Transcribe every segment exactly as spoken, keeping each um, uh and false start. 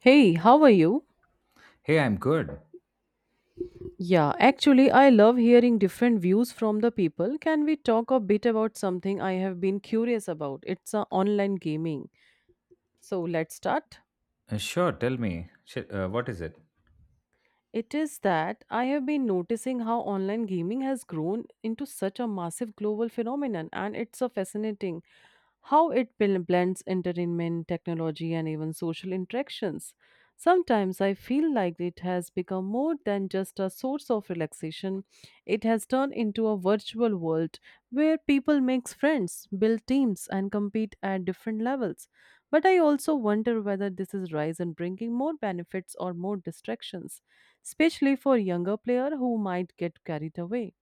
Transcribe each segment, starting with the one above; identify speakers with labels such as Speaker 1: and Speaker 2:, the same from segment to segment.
Speaker 1: Hey, how are you?
Speaker 2: Hey, I'm good.
Speaker 1: Yeah, actually, I love hearing different views from the people. Can we talk a bit about something I have been curious about? It's uh, online gaming. So let's start.
Speaker 2: Uh, sure, tell me. Sh- uh, what is it?
Speaker 1: It is that I have been noticing how online gaming has grown into such a massive global phenomenon, and it's so fascinating how it bl- blends entertainment, technology, and even social interactions. Sometimes I feel like it has become more than just a source of relaxation. It has turned into a virtual world where people make friends, build teams, and compete at different levels. But I also wonder whether this is rise and bringing more benefits or more distractions, especially for younger player who might get carried away.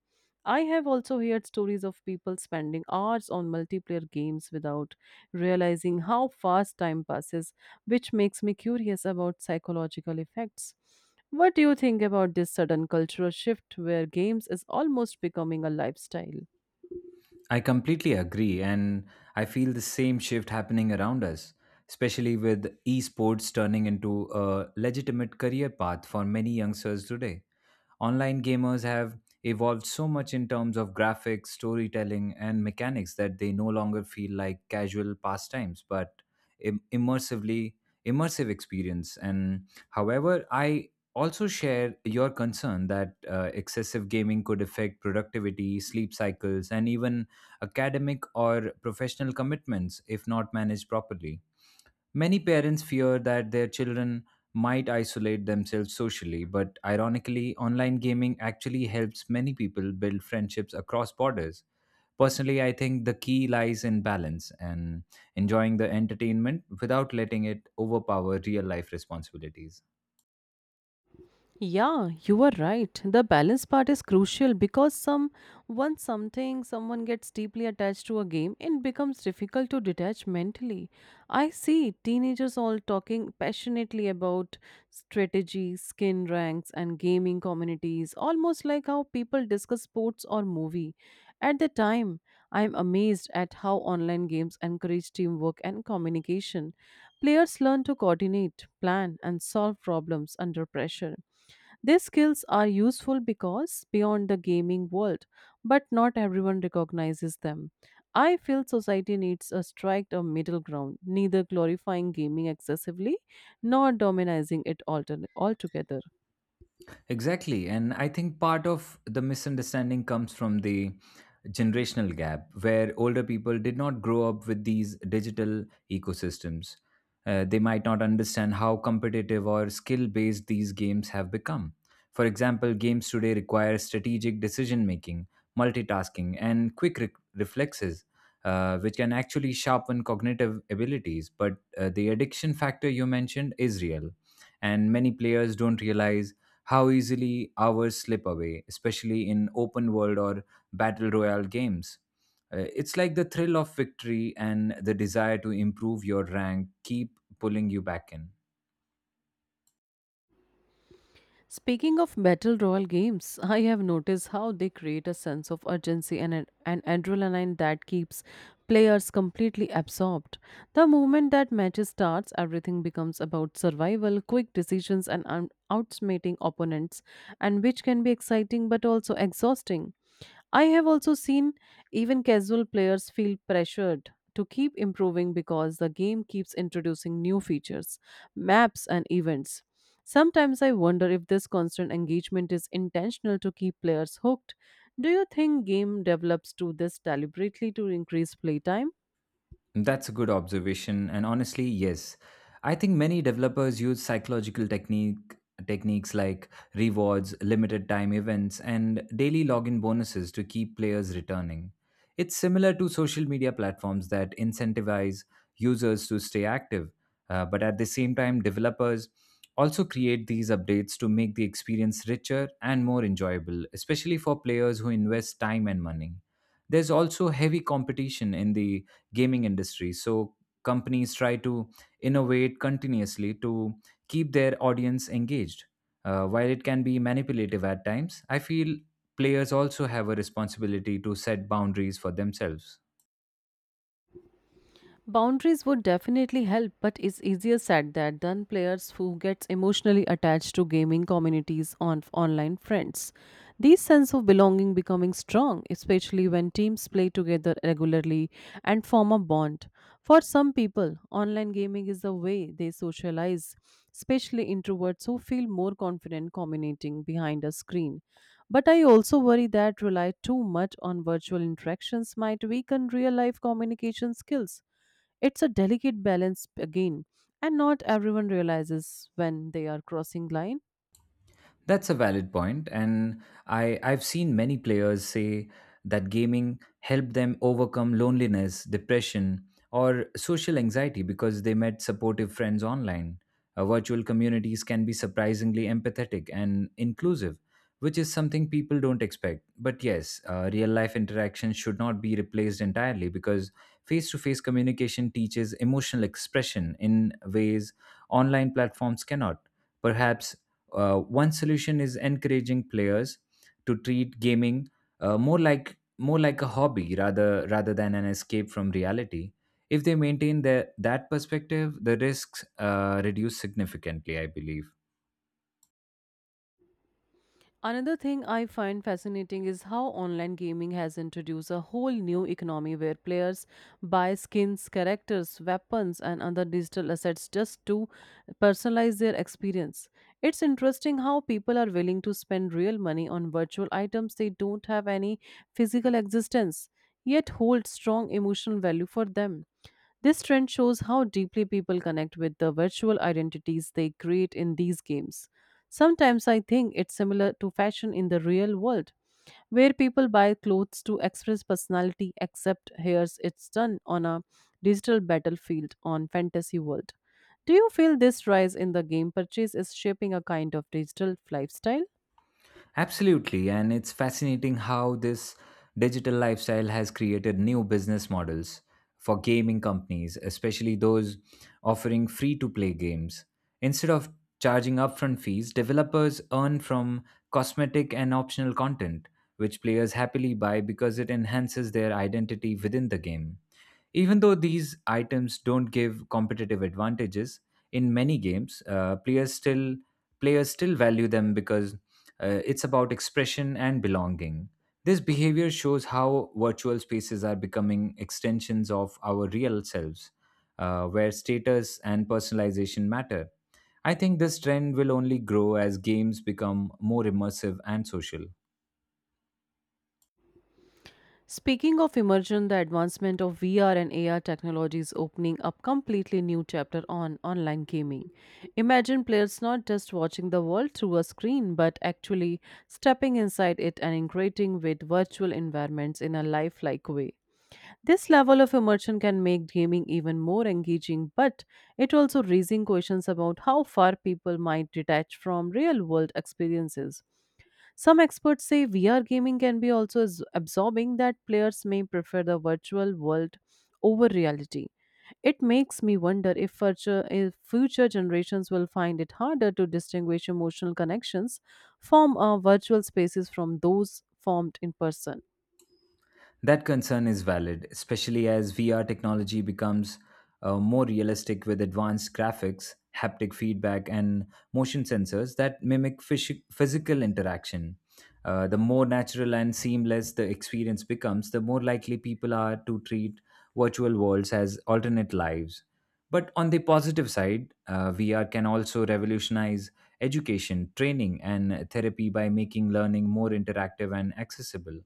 Speaker 1: I have also heard stories of people spending hours on multiplayer games without realizing how fast time passes, which makes me curious about psychological effects. What do you think about this sudden cultural shift where games is almost becoming a lifestyle?
Speaker 2: I completely agree, and I feel the same shift happening around us, especially with esports turning into a legitimate career path for many youngsters today. Online gamers have evolved so much in terms of graphics, storytelling, and mechanics that they no longer feel like casual pastimes, but im- immersively immersive experience. And however, I also share your concern that uh, excessive gaming could affect productivity, sleep cycles, and even academic, or professional commitments if not managed properly. Many parents fear that their children might isolate themselves socially, but ironically, online gaming actually helps many people build friendships across borders. Personally, I think the key lies in balance and enjoying the entertainment without letting it overpower real life responsibilities.
Speaker 1: Yeah, you are right. The balance part is crucial because some once something someone gets deeply attached to a game, it becomes difficult to detach mentally. I see teenagers all talking passionately about strategy, skin ranks, and gaming communities, almost like how people discuss sports or movie. At the time, I am amazed at how online games encourage teamwork and communication. Players learn to coordinate, plan, and solve problems under pressure. These skills are useful because beyond the gaming world, but not everyone recognizes them. I feel society needs a strike a middle ground, neither glorifying gaming excessively nor dominating it altern- altogether.
Speaker 2: Exactly. And I think part of the misunderstanding comes from the generational gap, where older people did not grow up with these digital ecosystems. Uh, they might not understand how competitive or skill based these games have become. For example, games today require strategic decision making, multitasking, and quick re- reflexes, uh, which can actually sharpen cognitive abilities. But uh, the addiction factor you mentioned is real, and many players don't realize how easily hours slip away, especially in open world or battle royale games. Uh, it's like the thrill of victory and the desire to improve your rank keep pulling you back in.
Speaker 1: Speaking of battle royal games, I have noticed how they create a sense of urgency and an, an adrenaline that keeps players completely absorbed. The moment that match starts, everything becomes about survival, quick decisions, and un- outsmarting opponents, and which can be exciting but also exhausting. I have also seen even casual players feel pressured to keep improving because the game keeps introducing new features, maps, and events. Sometimes I wonder if this constant engagement is intentional to keep players hooked. Do you think game develops do this deliberately to increase playtime?
Speaker 2: That's a good observation, and honestly, yes, I think many developers use psychological technique techniques like rewards, limited time events, and daily login bonuses to keep players returning. It's similar to social media platforms that incentivize users to stay active, uh, but at the same time, developers also create these updates to make the experience richer and more enjoyable, especially for players who invest time and money. There's also heavy competition in the gaming industry. So companies try to innovate continuously to keep their audience engaged. Uh, while it can be manipulative at times, I feel players also have a responsibility to set boundaries for themselves.
Speaker 1: Boundaries would definitely help, but it's easier said that done. Players who gets emotionally attached to gaming communities on online friends. These sense of belonging becoming strong, especially when teams play together regularly and form a bond. For some people, online gaming is a way they socialize, especially introverts who feel more confident communicating behind a screen. But I also worry that rely too much on virtual interactions might weaken real life communication skills. It's a delicate balance again, and not everyone realizes when they are crossing line.
Speaker 2: That's a valid point, and I I've seen many players say that gaming helped them overcome loneliness, depression, or social anxiety because they met supportive friends online. Uh, virtual communities can be surprisingly empathetic and inclusive, which is something people don't expect. But yes, uh, real life interaction should not be replaced entirely because face to face communication teaches emotional expression in ways online platforms cannot. Perhaps uh, One solution is encouraging players to treat gaming uh, more like more like a hobby rather rather than an escape from reality. If they maintain their, that perspective, the risks uh, reduce significantly, I believe.
Speaker 1: Another thing I find fascinating is how online gaming has introduced a whole new economy where players buy skins, characters, weapons, and other digital assets just to personalize their experience. It's interesting how people are willing to spend real money on virtual items they don't have any physical existence, yet hold strong emotional value for them. This trend shows how deeply people connect with the virtual identities they create in these games. Sometimes I think it's similar to fashion in the real world where people buy clothes to express personality except here's it's done on a digital battlefield on fantasy world. Do you feel this rise in the game purchase is shaping a kind of digital lifestyle?
Speaker 2: Absolutely, and it's fascinating how this digital lifestyle has created new business models for gaming companies, especially those offering free to play games. Instead of charging upfront fees, developers earn from cosmetic and optional content, which players happily buy because it enhances their identity within the game. Even though these items don't give competitive advantages in many games, uh, players still players still value them because uh, it's about expression and belonging. This behavior shows how virtual spaces are becoming extensions of our real selves, uh, where status and personalization matter. I think this trend will only grow as games become more immersive and social.
Speaker 1: Speaking of immersion, the advancement of V R and A R technology is opening up completely new chapter on online gaming. Imagine players not just watching the world through a screen but actually stepping inside it and integrating with virtual environments in a lifelike way. This level of immersion can make gaming even more engaging, but it also raising questions about how far people might detach from real world experiences. Some experts say V R gaming can be also as- absorbing that players may prefer the virtual world over reality. It makes me wonder if future, if future generations will find it harder to distinguish emotional connections form uh, virtual spaces from those formed in person.
Speaker 2: That concern is valid, especially as V R technology becomes uh, more realistic with advanced graphics, haptic feedback, and motion sensors that mimic phys- physical interaction. Uh, the more natural and seamless the experience becomes, the more likely people are to treat virtual worlds as alternate lives. But on the positive side, uh, V R can also revolutionize education, training, and therapy by making learning more interactive and accessible.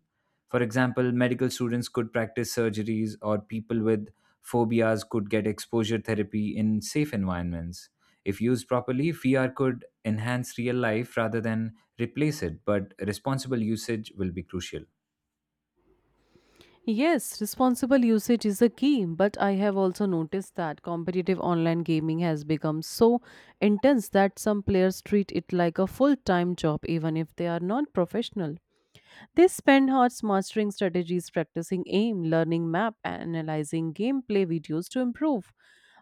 Speaker 2: For example, medical students could practice surgeries, or people with phobias could get exposure therapy in safe environments. If used properly, V R could enhance real life rather than replace it, but responsible usage will be crucial.
Speaker 1: Yes, responsible usage is a key, but I have also noticed that competitive online gaming has become so intense that some players treat it like a full time job even if they are not professional. They spend hours mastering strategies, practicing aim, learning map, and analyzing gameplay videos to improve.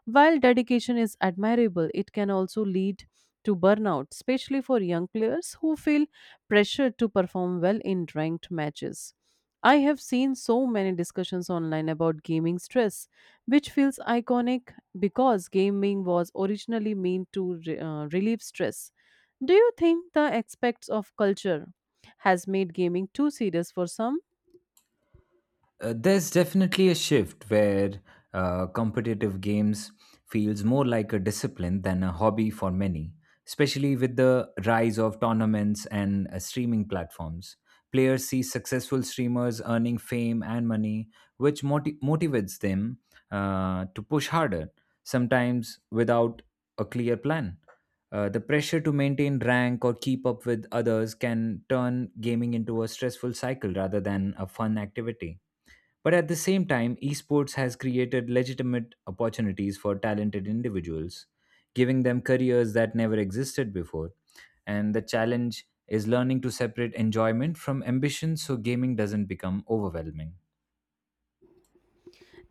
Speaker 1: While dedication is admirable, it can also lead to burnout, especially for young players who feel pressured to perform well in ranked matches. I have seen so many discussions online about gaming stress, which feels iconic because gaming was originally meant to re- uh, relieve stress. Do you think the aspects of culture has made gaming too serious for some?
Speaker 2: Uh, there's definitely a shift where uh, competitive games feels more like a discipline than a hobby for many, especially with the rise of tournaments and uh, streaming platforms. Players see successful streamers earning fame and money, which moti- motivates them uh, to push harder sometimes without a clear plan. Uh, the pressure to maintain rank or keep up with others can turn gaming into a stressful cycle rather than a fun activity, but at the same time, esports has created legitimate opportunities for talented individuals, giving them careers that never existed before. And the challenge is learning to separate enjoyment from ambition so gaming doesn't become overwhelming.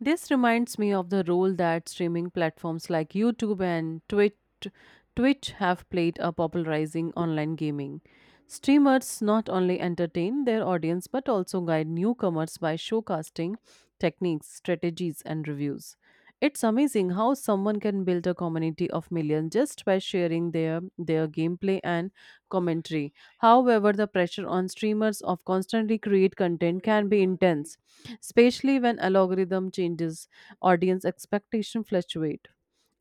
Speaker 1: This reminds me of the role that streaming platforms like YouTube and Twitch, Twitch have played in popularizing online gaming. Streamers not only entertain their audience but also guide newcomers by showcasting techniques, strategies, and reviews. It's amazing how someone can build a community of millions just by sharing their their gameplay and commentary. However, the pressure on streamers of constantly create content can be intense, especially when algorithm changes, audience expectation fluctuate.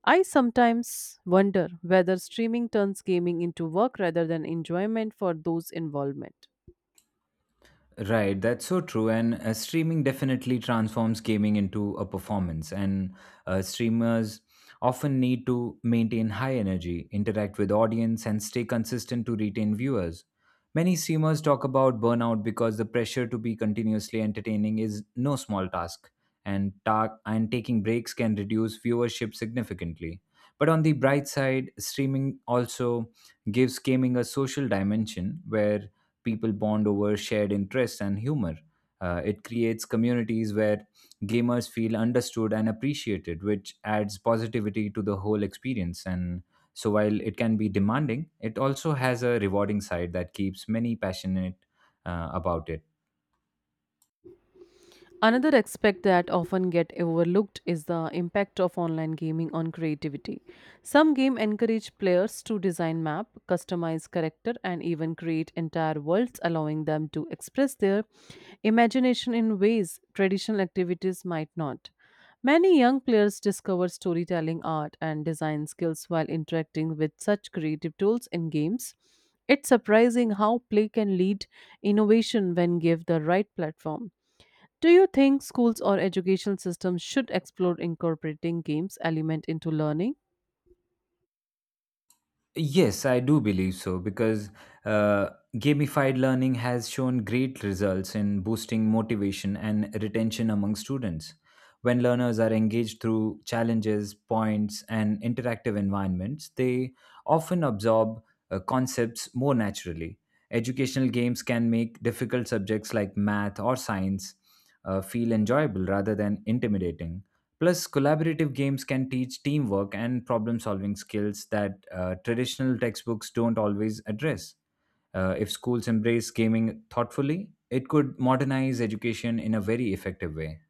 Speaker 1: I sometimes wonder whether streaming turns gaming into work rather than enjoyment for those involved.
Speaker 2: Right, that's so true. And uh, streaming definitely transforms gaming into a performance. And uh, streamers often need to maintain high energy, interact with audience, and stay consistent to retain viewers. Many streamers talk about burnout because the pressure to be continuously entertaining is no small task, and ta- and taking breaks can reduce viewership significantly. But on the bright side, streaming also gives gaming a social dimension where people bond over shared interests and humor. Uh, it creates communities where gamers feel understood and appreciated, which adds positivity to the whole experience. And so, while it can be demanding, it also has a rewarding side that keeps many passionate uh, about it.
Speaker 1: Another aspect that often get overlooked is the impact of online gaming on creativity. Some game encourage players to design map, customize character and even create entire worlds allowing them to express their imagination in ways traditional activities might not. Many young players discover storytelling art and design skills while interacting with such creative tools in games. It's surprising how play can lead innovation when given the right platform. Do you think schools or educational systems should explore incorporating games element into learning?
Speaker 2: Yes, I do believe so because uh, gamified learning has shown great results in boosting motivation and retention among students. When learners are engaged through challenges, points, and interactive environments, they often absorb uh, concepts more naturally. Educational games can make difficult subjects like math or science uh, feel enjoyable rather than intimidating. Plus, collaborative games can teach teamwork and problem solving skills that uh, traditional textbooks don't always address. Uh, if schools embrace gaming thoughtfully, it could modernize education in a very effective way.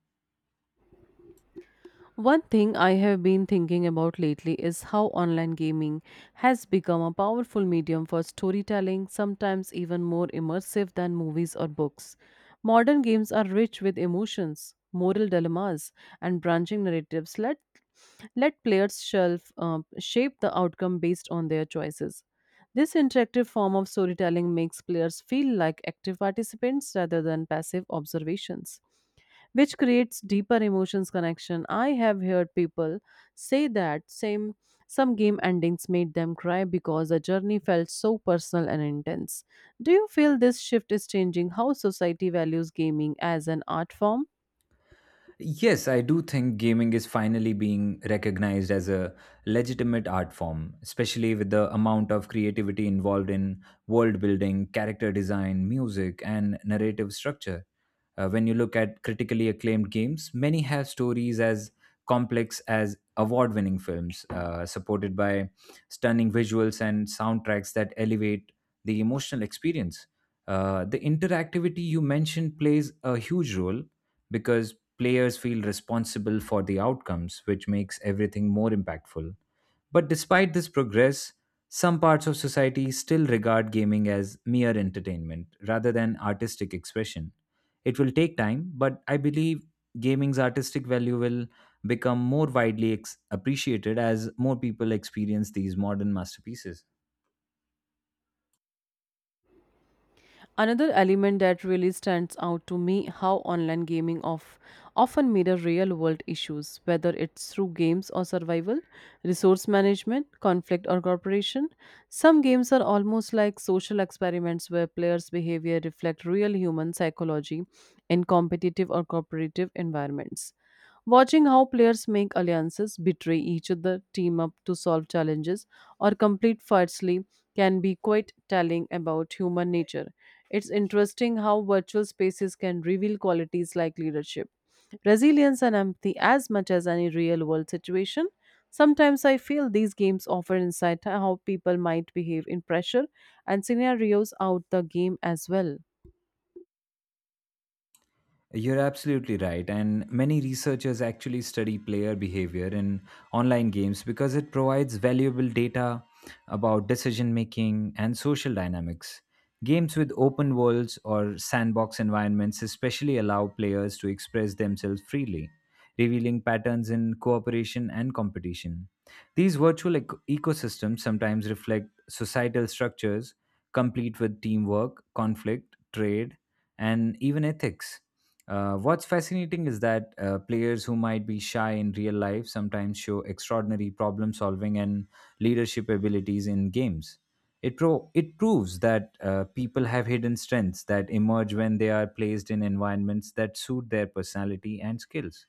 Speaker 1: One thing I have been thinking about lately is how online gaming has become a powerful medium for storytelling, sometimes even more immersive than movies or books. Modern games are rich with emotions, moral dilemmas, and branching narratives. Let, let players shelf, uh, shape the outcome based on their choices. This interactive form of storytelling makes players feel like active participants rather than passive observations, which creates deeper emotions connection. I have heard people say that same some game endings made them cry because the journey felt so personal and intense. Do you feel this shift is changing how society values gaming as an art form?
Speaker 2: Yes, I do think gaming is finally being recognized as a legitimate art form, especially with the amount of creativity involved in world building, character design, music, and narrative structure. Uh, when you look at critically acclaimed games, many have stories as complex as award winning films, uh, supported by stunning visuals and soundtracks that elevate the emotional experience. Uh, the interactivity you mentioned plays a huge role because players feel responsible for the outcomes, which makes everything more impactful. But despite this progress, some parts of society still regard gaming as mere entertainment rather than artistic expression. It will take time, but I believe gaming's artistic value will become more widely ex- appreciated as more people experience these modern masterpieces.
Speaker 1: Another element that really stands out to me how online gaming of often mirror real world issues, whether it's through games or survival, resource management, conflict or cooperation. Some games are almost like social experiments where players behavior reflect real human psychology in competitive or cooperative environments. Watching how players make alliances, betray each other, team up to solve challenges, or complete firstly can be quite telling about human nature. It's interesting how virtual spaces can reveal qualities like leadership, resilience, and empathy as much as any real world situation. Sometimes I feel these games offer insight on how people might behave in pressure and scenarios out the game as well.
Speaker 2: You're absolutely right. And many researchers actually study player behavior in online games because it provides valuable data about decision making and social dynamics. Games with open worlds or sandbox environments especially allow players to express themselves freely, revealing patterns in cooperation and competition. These virtual ec- ecosystems sometimes reflect societal structures, complete with teamwork, conflict, trade, and even ethics. Uh, what's fascinating is that uh, players who might be shy in real life sometimes show extraordinary problem solving and leadership abilities in games. It, pro- it proves that uh, people have hidden strengths that emerge when they are placed in environments that suit their personality and skills.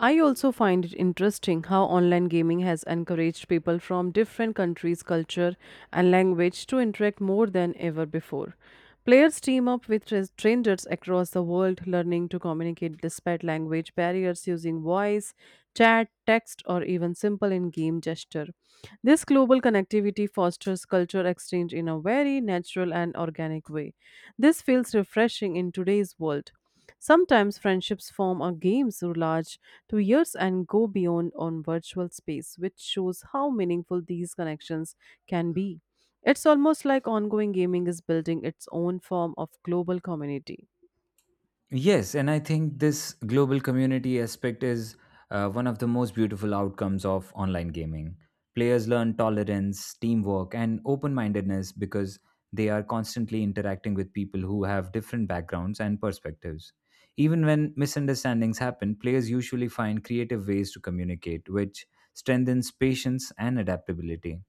Speaker 1: I also find it interesting how online gaming has encouraged people from different countries, culture, and language to interact more than ever before. Players team up with tra- strangers across the world, learning to communicate despite language barriers using voice, chat, text, or even simple in game gesture. This global connectivity fosters culture exchange in a very natural and organic way. This feels refreshing in today's world. Sometimes friendships form or games through large to years and go beyond on virtual space, which shows how meaningful these connections can be. It's almost like ongoing gaming is building its own form of global community.
Speaker 2: Yes, and I think this global community aspect is uh, one of the most beautiful outcomes of online gaming. Players learn tolerance, teamwork, and open mindedness because they are constantly interacting with people who have different backgrounds and perspectives. Even when misunderstandings happen, players usually find creative ways to communicate, which strengthens patience and adaptability.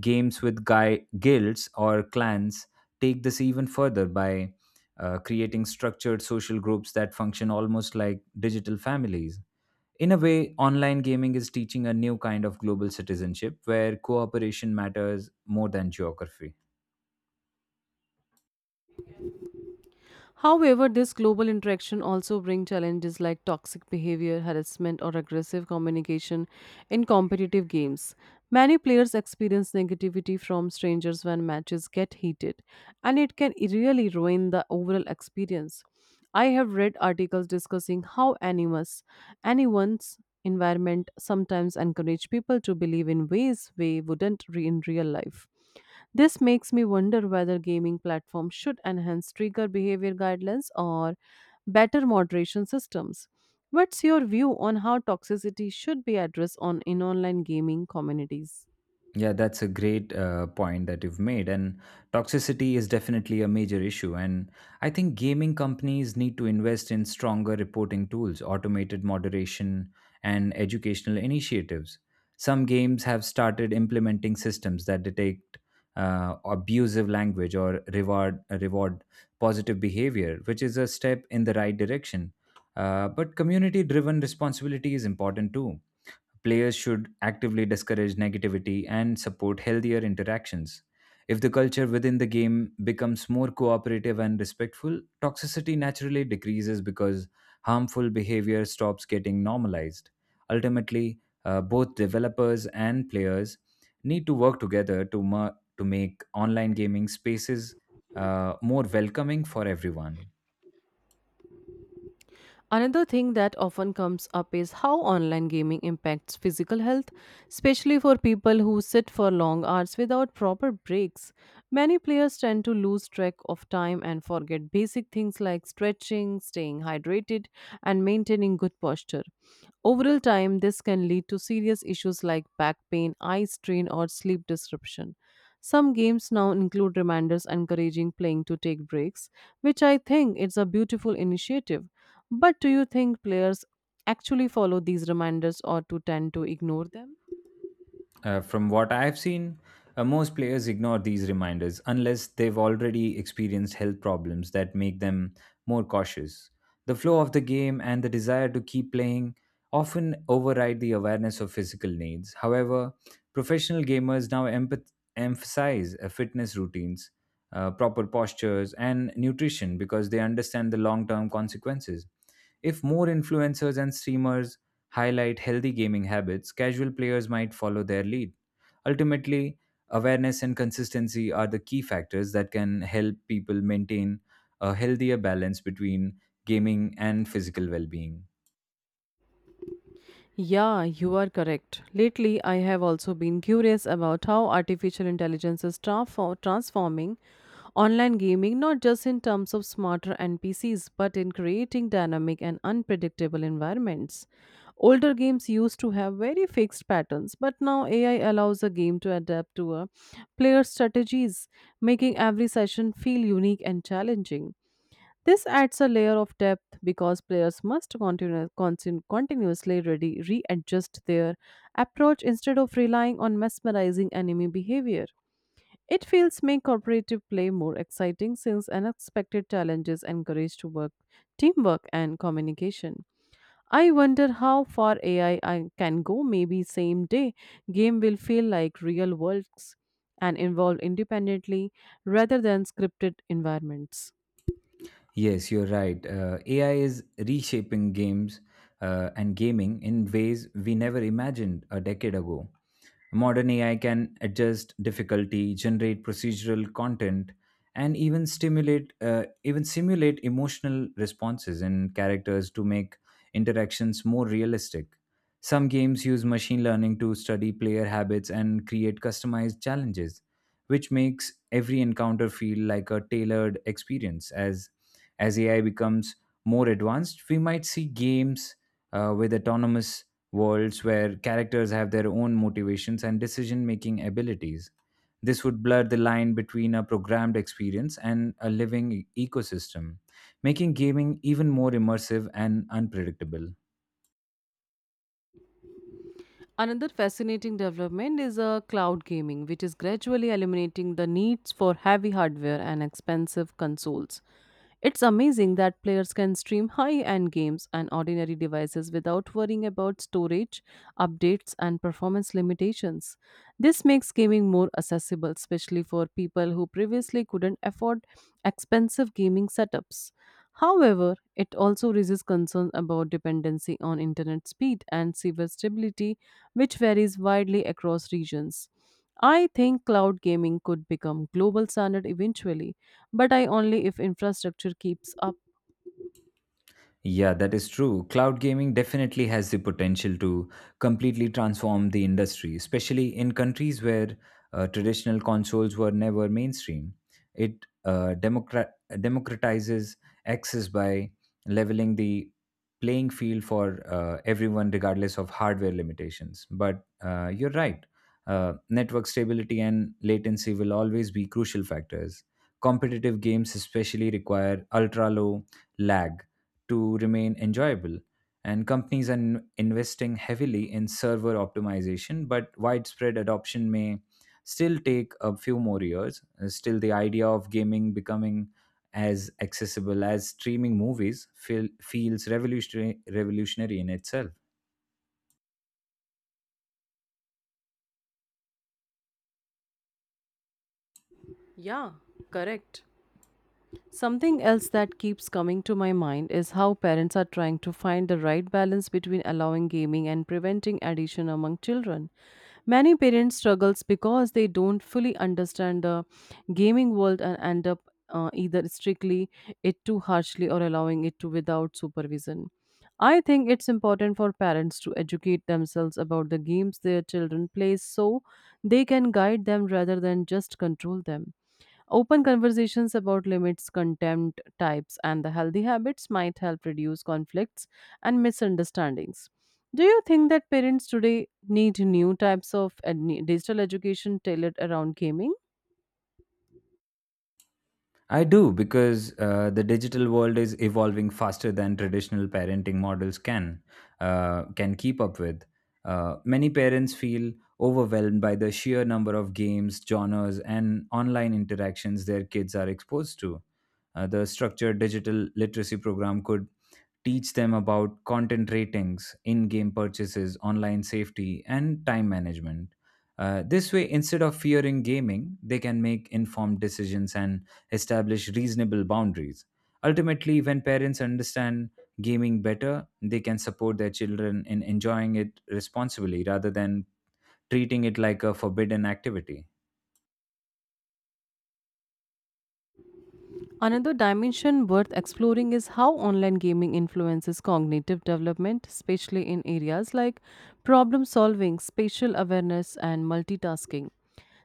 Speaker 2: Games with guy guilds or clans take this even further by uh, creating structured social groups that function almost like digital families. In a way, online gaming is teaching a new kind of global citizenship where cooperation matters more than geography.
Speaker 1: However, this global interaction also brings challenges like toxic behavior, harassment, or aggressive communication in competitive games. Many players experience negativity from strangers when matches get heated, and it can really ruin the overall experience. I have read articles discussing how animus, anyone's environment sometimes encourage people to believe in ways they wouldn't re- in real life. This makes me wonder whether gaming platforms should enhance trigger behavior guidelines or better moderation systems. What's your view on how toxicity should be addressed on in online gaming communities?
Speaker 2: Yeah, that's a great uh, point that you've made. And toxicity is definitely a major issue. And I think gaming companies need to invest in stronger reporting tools, automated moderation, and educational initiatives. Some games have started implementing systems that detect uh, abusive language or reward reward positive behavior, which is a step in the right direction. Uh, but community driven responsibility is important too. Players should actively discourage negativity and support healthier interactions. If the culture within the game becomes more cooperative and respectful, toxicity naturally decreases because harmful behavior stops getting normalized. Ultimately, uh, both developers and players need to work together to, ma- to make online gaming spaces uh, more welcoming for everyone.
Speaker 1: Another thing that often comes up is how online gaming impacts physical health, especially for people who sit for long hours without proper breaks. Many players tend to lose track of time and forget basic things like stretching, staying hydrated, and maintaining good posture. Overall time, this can lead to serious issues like back pain, eye strain, or sleep disruption. Some games now include reminders encouraging playing to take breaks, which I think is a beautiful initiative. But do you think players actually follow these reminders or to tend to ignore them?
Speaker 2: Uh, from what I've seen, uh, most players ignore these reminders unless they've already experienced health problems that make them more cautious. The flow of the game and the desire to keep playing often override the awareness of physical needs. However, professional gamers now empath- emphasize uh, fitness routines, uh, proper postures, and nutrition because they understand the long term consequences. If more influencers and streamers highlight healthy gaming habits, casual players might follow their lead. Ultimately, awareness and consistency are the key factors that can help people maintain a healthier balance between gaming and physical well being.
Speaker 1: Yeah, you are correct. Lately, I have also been curious about how artificial intelligence is transfor- transforming online gaming not just in terms of smarter N P Cs but in creating dynamic and unpredictable environments. Older games used to have very fixed patterns, but now A I allows a game to adapt to a player's strategies, making every session feel unique and challenging. This adds a layer of depth because players must continu- consin- continuously ready- readjust their approach instead of relying on mesmerizing enemy behavior. It feels make cooperative play more exciting since unexpected challenges encourage to work, teamwork and communication. I wonder how far A I can go. Maybe same day game will feel like real worlds and evolve independently rather than scripted environments.
Speaker 2: Yes, you're right. Uh, A I is reshaping games uh, and gaming in ways we never imagined a decade ago. Modern A I can adjust difficulty, generate procedural content, and even stimulate, uh, even simulate emotional responses in characters to make interactions more realistic. Some games use machine learning to study player habits and create customized challenges, which makes every encounter feel like a tailored experience. As as A I becomes more advanced, we might see games uh, with autonomous worlds where characters have their own motivations and decision making abilities. This would blur the line between a programmed experience and a living e- ecosystem, making gaming even more immersive and unpredictable.
Speaker 1: Another fascinating development is uh, cloud gaming, which is gradually eliminating the needs for heavy hardware and expensive consoles. It's amazing that players can stream high end games and ordinary devices without worrying about storage, updates, and performance limitations. This makes gaming more accessible, especially for people who previously couldn't afford expensive gaming setups. However, it also raises concerns about dependency on internet speed and server stability, which varies widely across regions. I think cloud gaming could become global standard eventually but I only if infrastructure keeps up.
Speaker 2: Yeah, that is true. Cloud gaming definitely has the potential to completely transform the industry, especially in countries where uh, traditional consoles were never mainstream. It uh, democrat- democratizes access by leveling the playing field for uh, everyone, regardless of hardware limitations. But uh, you're right, uh, network stability and latency will always be crucial factors. Competitive games, especially, require ultra low lag to remain enjoyable. And companies are in- investing heavily in server optimization, but widespread adoption may still take a few more years. Uh, Still, the idea of gaming becoming as accessible as streaming movies feel, feels revolutionary, revolutionary in itself.
Speaker 1: Yeah, correct. Something else that keeps coming to my mind is how parents are trying to find the right balance between allowing gaming and preventing addiction among children. Many parents struggles because they don't fully understand the gaming world and end up uh, either strictly it too harshly or allowing it to without supervision. I think it's important for parents to educate themselves about the games their children play so they can guide them rather than just control them. Open conversations about limits, contempt types, and the healthy habits might help reduce conflicts and misunderstandings. Do you think that parents today need new types of ed- digital education tailored around gaming?
Speaker 2: I do because uh, the digital world is evolving faster than traditional parenting models can uh, can keep up with. Uh, many parents feel overwhelmed by the sheer number of games, genres, and online interactions their kids are exposed to. Uh, the structured digital literacy program could teach them about content ratings, in game purchases, online safety, and time management. Uh, this way, instead of fearing gaming, they can make informed decisions and establish reasonable boundaries. Ultimately, when parents understand gaming better, they can support their children in enjoying it responsibly rather than treating it like a forbidden activity.
Speaker 1: Another dimension worth exploring is how online gaming influences cognitive development, especially in areas like problem solving, spatial awareness, and multitasking.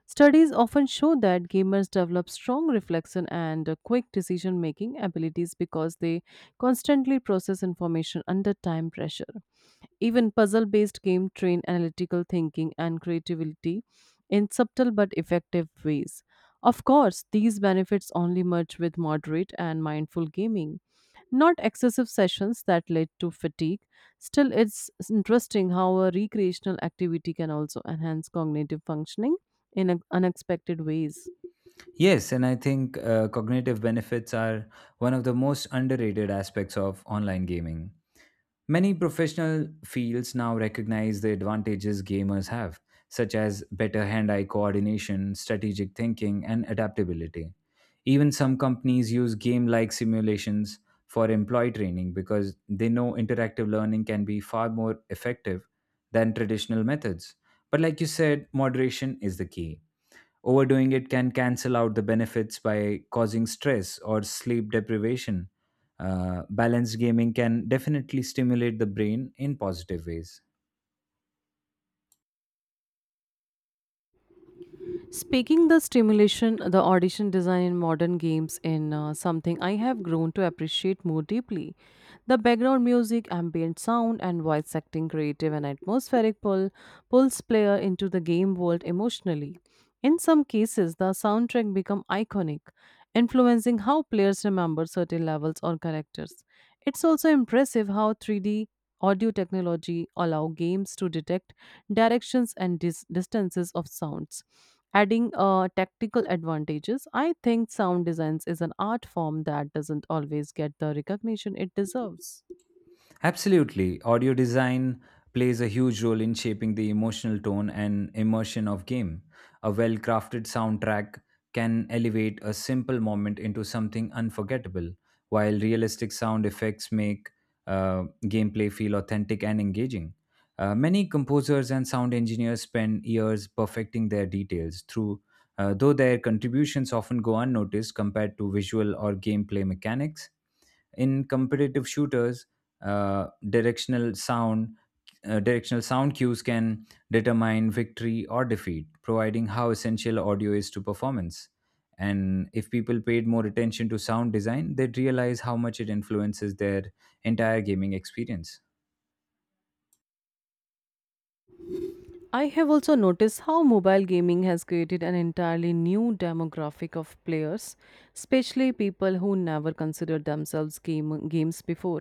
Speaker 1: Studies often show that gamers develop strong reflection and uh, quick decision making abilities because they constantly process information under time pressure. Even puzzle based games train analytical thinking and creativity in subtle but effective ways. Of course, these benefits only merge with moderate and mindful gaming. Not excessive sessions that led to fatigue. Still, it's interesting how a recreational activity can also enhance cognitive functioning in un- unexpected ways.
Speaker 2: Yes, and I think uh, cognitive benefits are one of the most underrated aspects of online gaming. Many professional fields now recognize the advantages gamers have, such as better hand eye coordination, strategic thinking, and adaptability. Even some companies use game like simulations for employee training because they know interactive learning can be far more effective than traditional methods. But, like you said, moderation is the key. Overdoing it can cancel out the benefits by causing stress or sleep deprivation. Uh, balanced gaming can definitely stimulate the brain in positive ways.
Speaker 1: Speaking the stimulation, the audition design in modern games in uh, something I have grown to appreciate more deeply. The background music, ambient sound, and voice acting creative and atmospheric pull pulls player into the game world emotionally. In some cases, the soundtrack become iconic, influencing how players remember certain levels or characters. It's also impressive how three D audio technology allow games to detect directions and dis- distances of sounds adding uh, tactical advantages. I think sound designs is an art form that doesn't always get the recognition it deserves.
Speaker 2: Absolutely. Audio design plays a huge role in shaping the emotional tone and immersion of game. A well-crafted soundtrack can elevate a simple moment into something unforgettable, while realistic sound effects make uh, gameplay feel authentic and engaging. Uh, many composers and sound engineers spend years perfecting their details through uh, though their contributions often go unnoticed compared to visual or gameplay mechanics in competitive shooters uh, directional sound uh, directional sound cues can determine victory or defeat providing how essential audio is to performance. And if people paid more attention to sound design, they'd realize how much it influences their entire gaming experience.
Speaker 1: I have also noticed how mobile gaming has created an entirely new demographic of players, especially people who never considered themselves game, games before.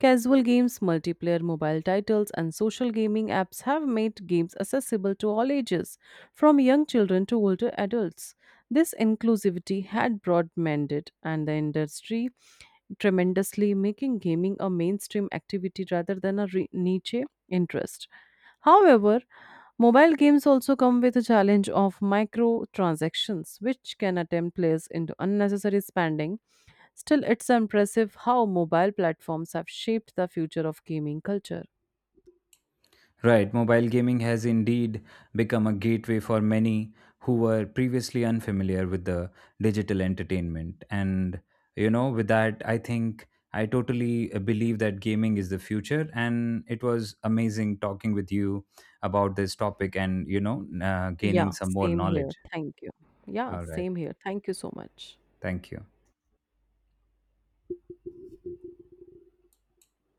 Speaker 1: Casual games, multiplayer mobile titles, and social gaming apps have made games accessible to all ages, from young children to older adults. This inclusivity had broad mandate, and the industry tremendously, making gaming a mainstream activity rather than a re- niche interest. However, mobile games also come with a challenge of microtransactions, which can attempt players into unnecessary spending. Still, it's impressive how mobile platforms have shaped the future of gaming culture.
Speaker 2: Right, mobile gaming has indeed become a gateway for many who were previously unfamiliar with the digital entertainment. And, you know, with that, I think I totally uh, believe that gaming is the future. And it was amazing talking with you about this topic and, you know, uh,
Speaker 1: Yeah,
Speaker 2: gaining some more
Speaker 1: same here.
Speaker 2: knowledge.
Speaker 1: Thank you. Yeah,
Speaker 2: All right.
Speaker 1: same here. Thank you so much.
Speaker 2: Thank you.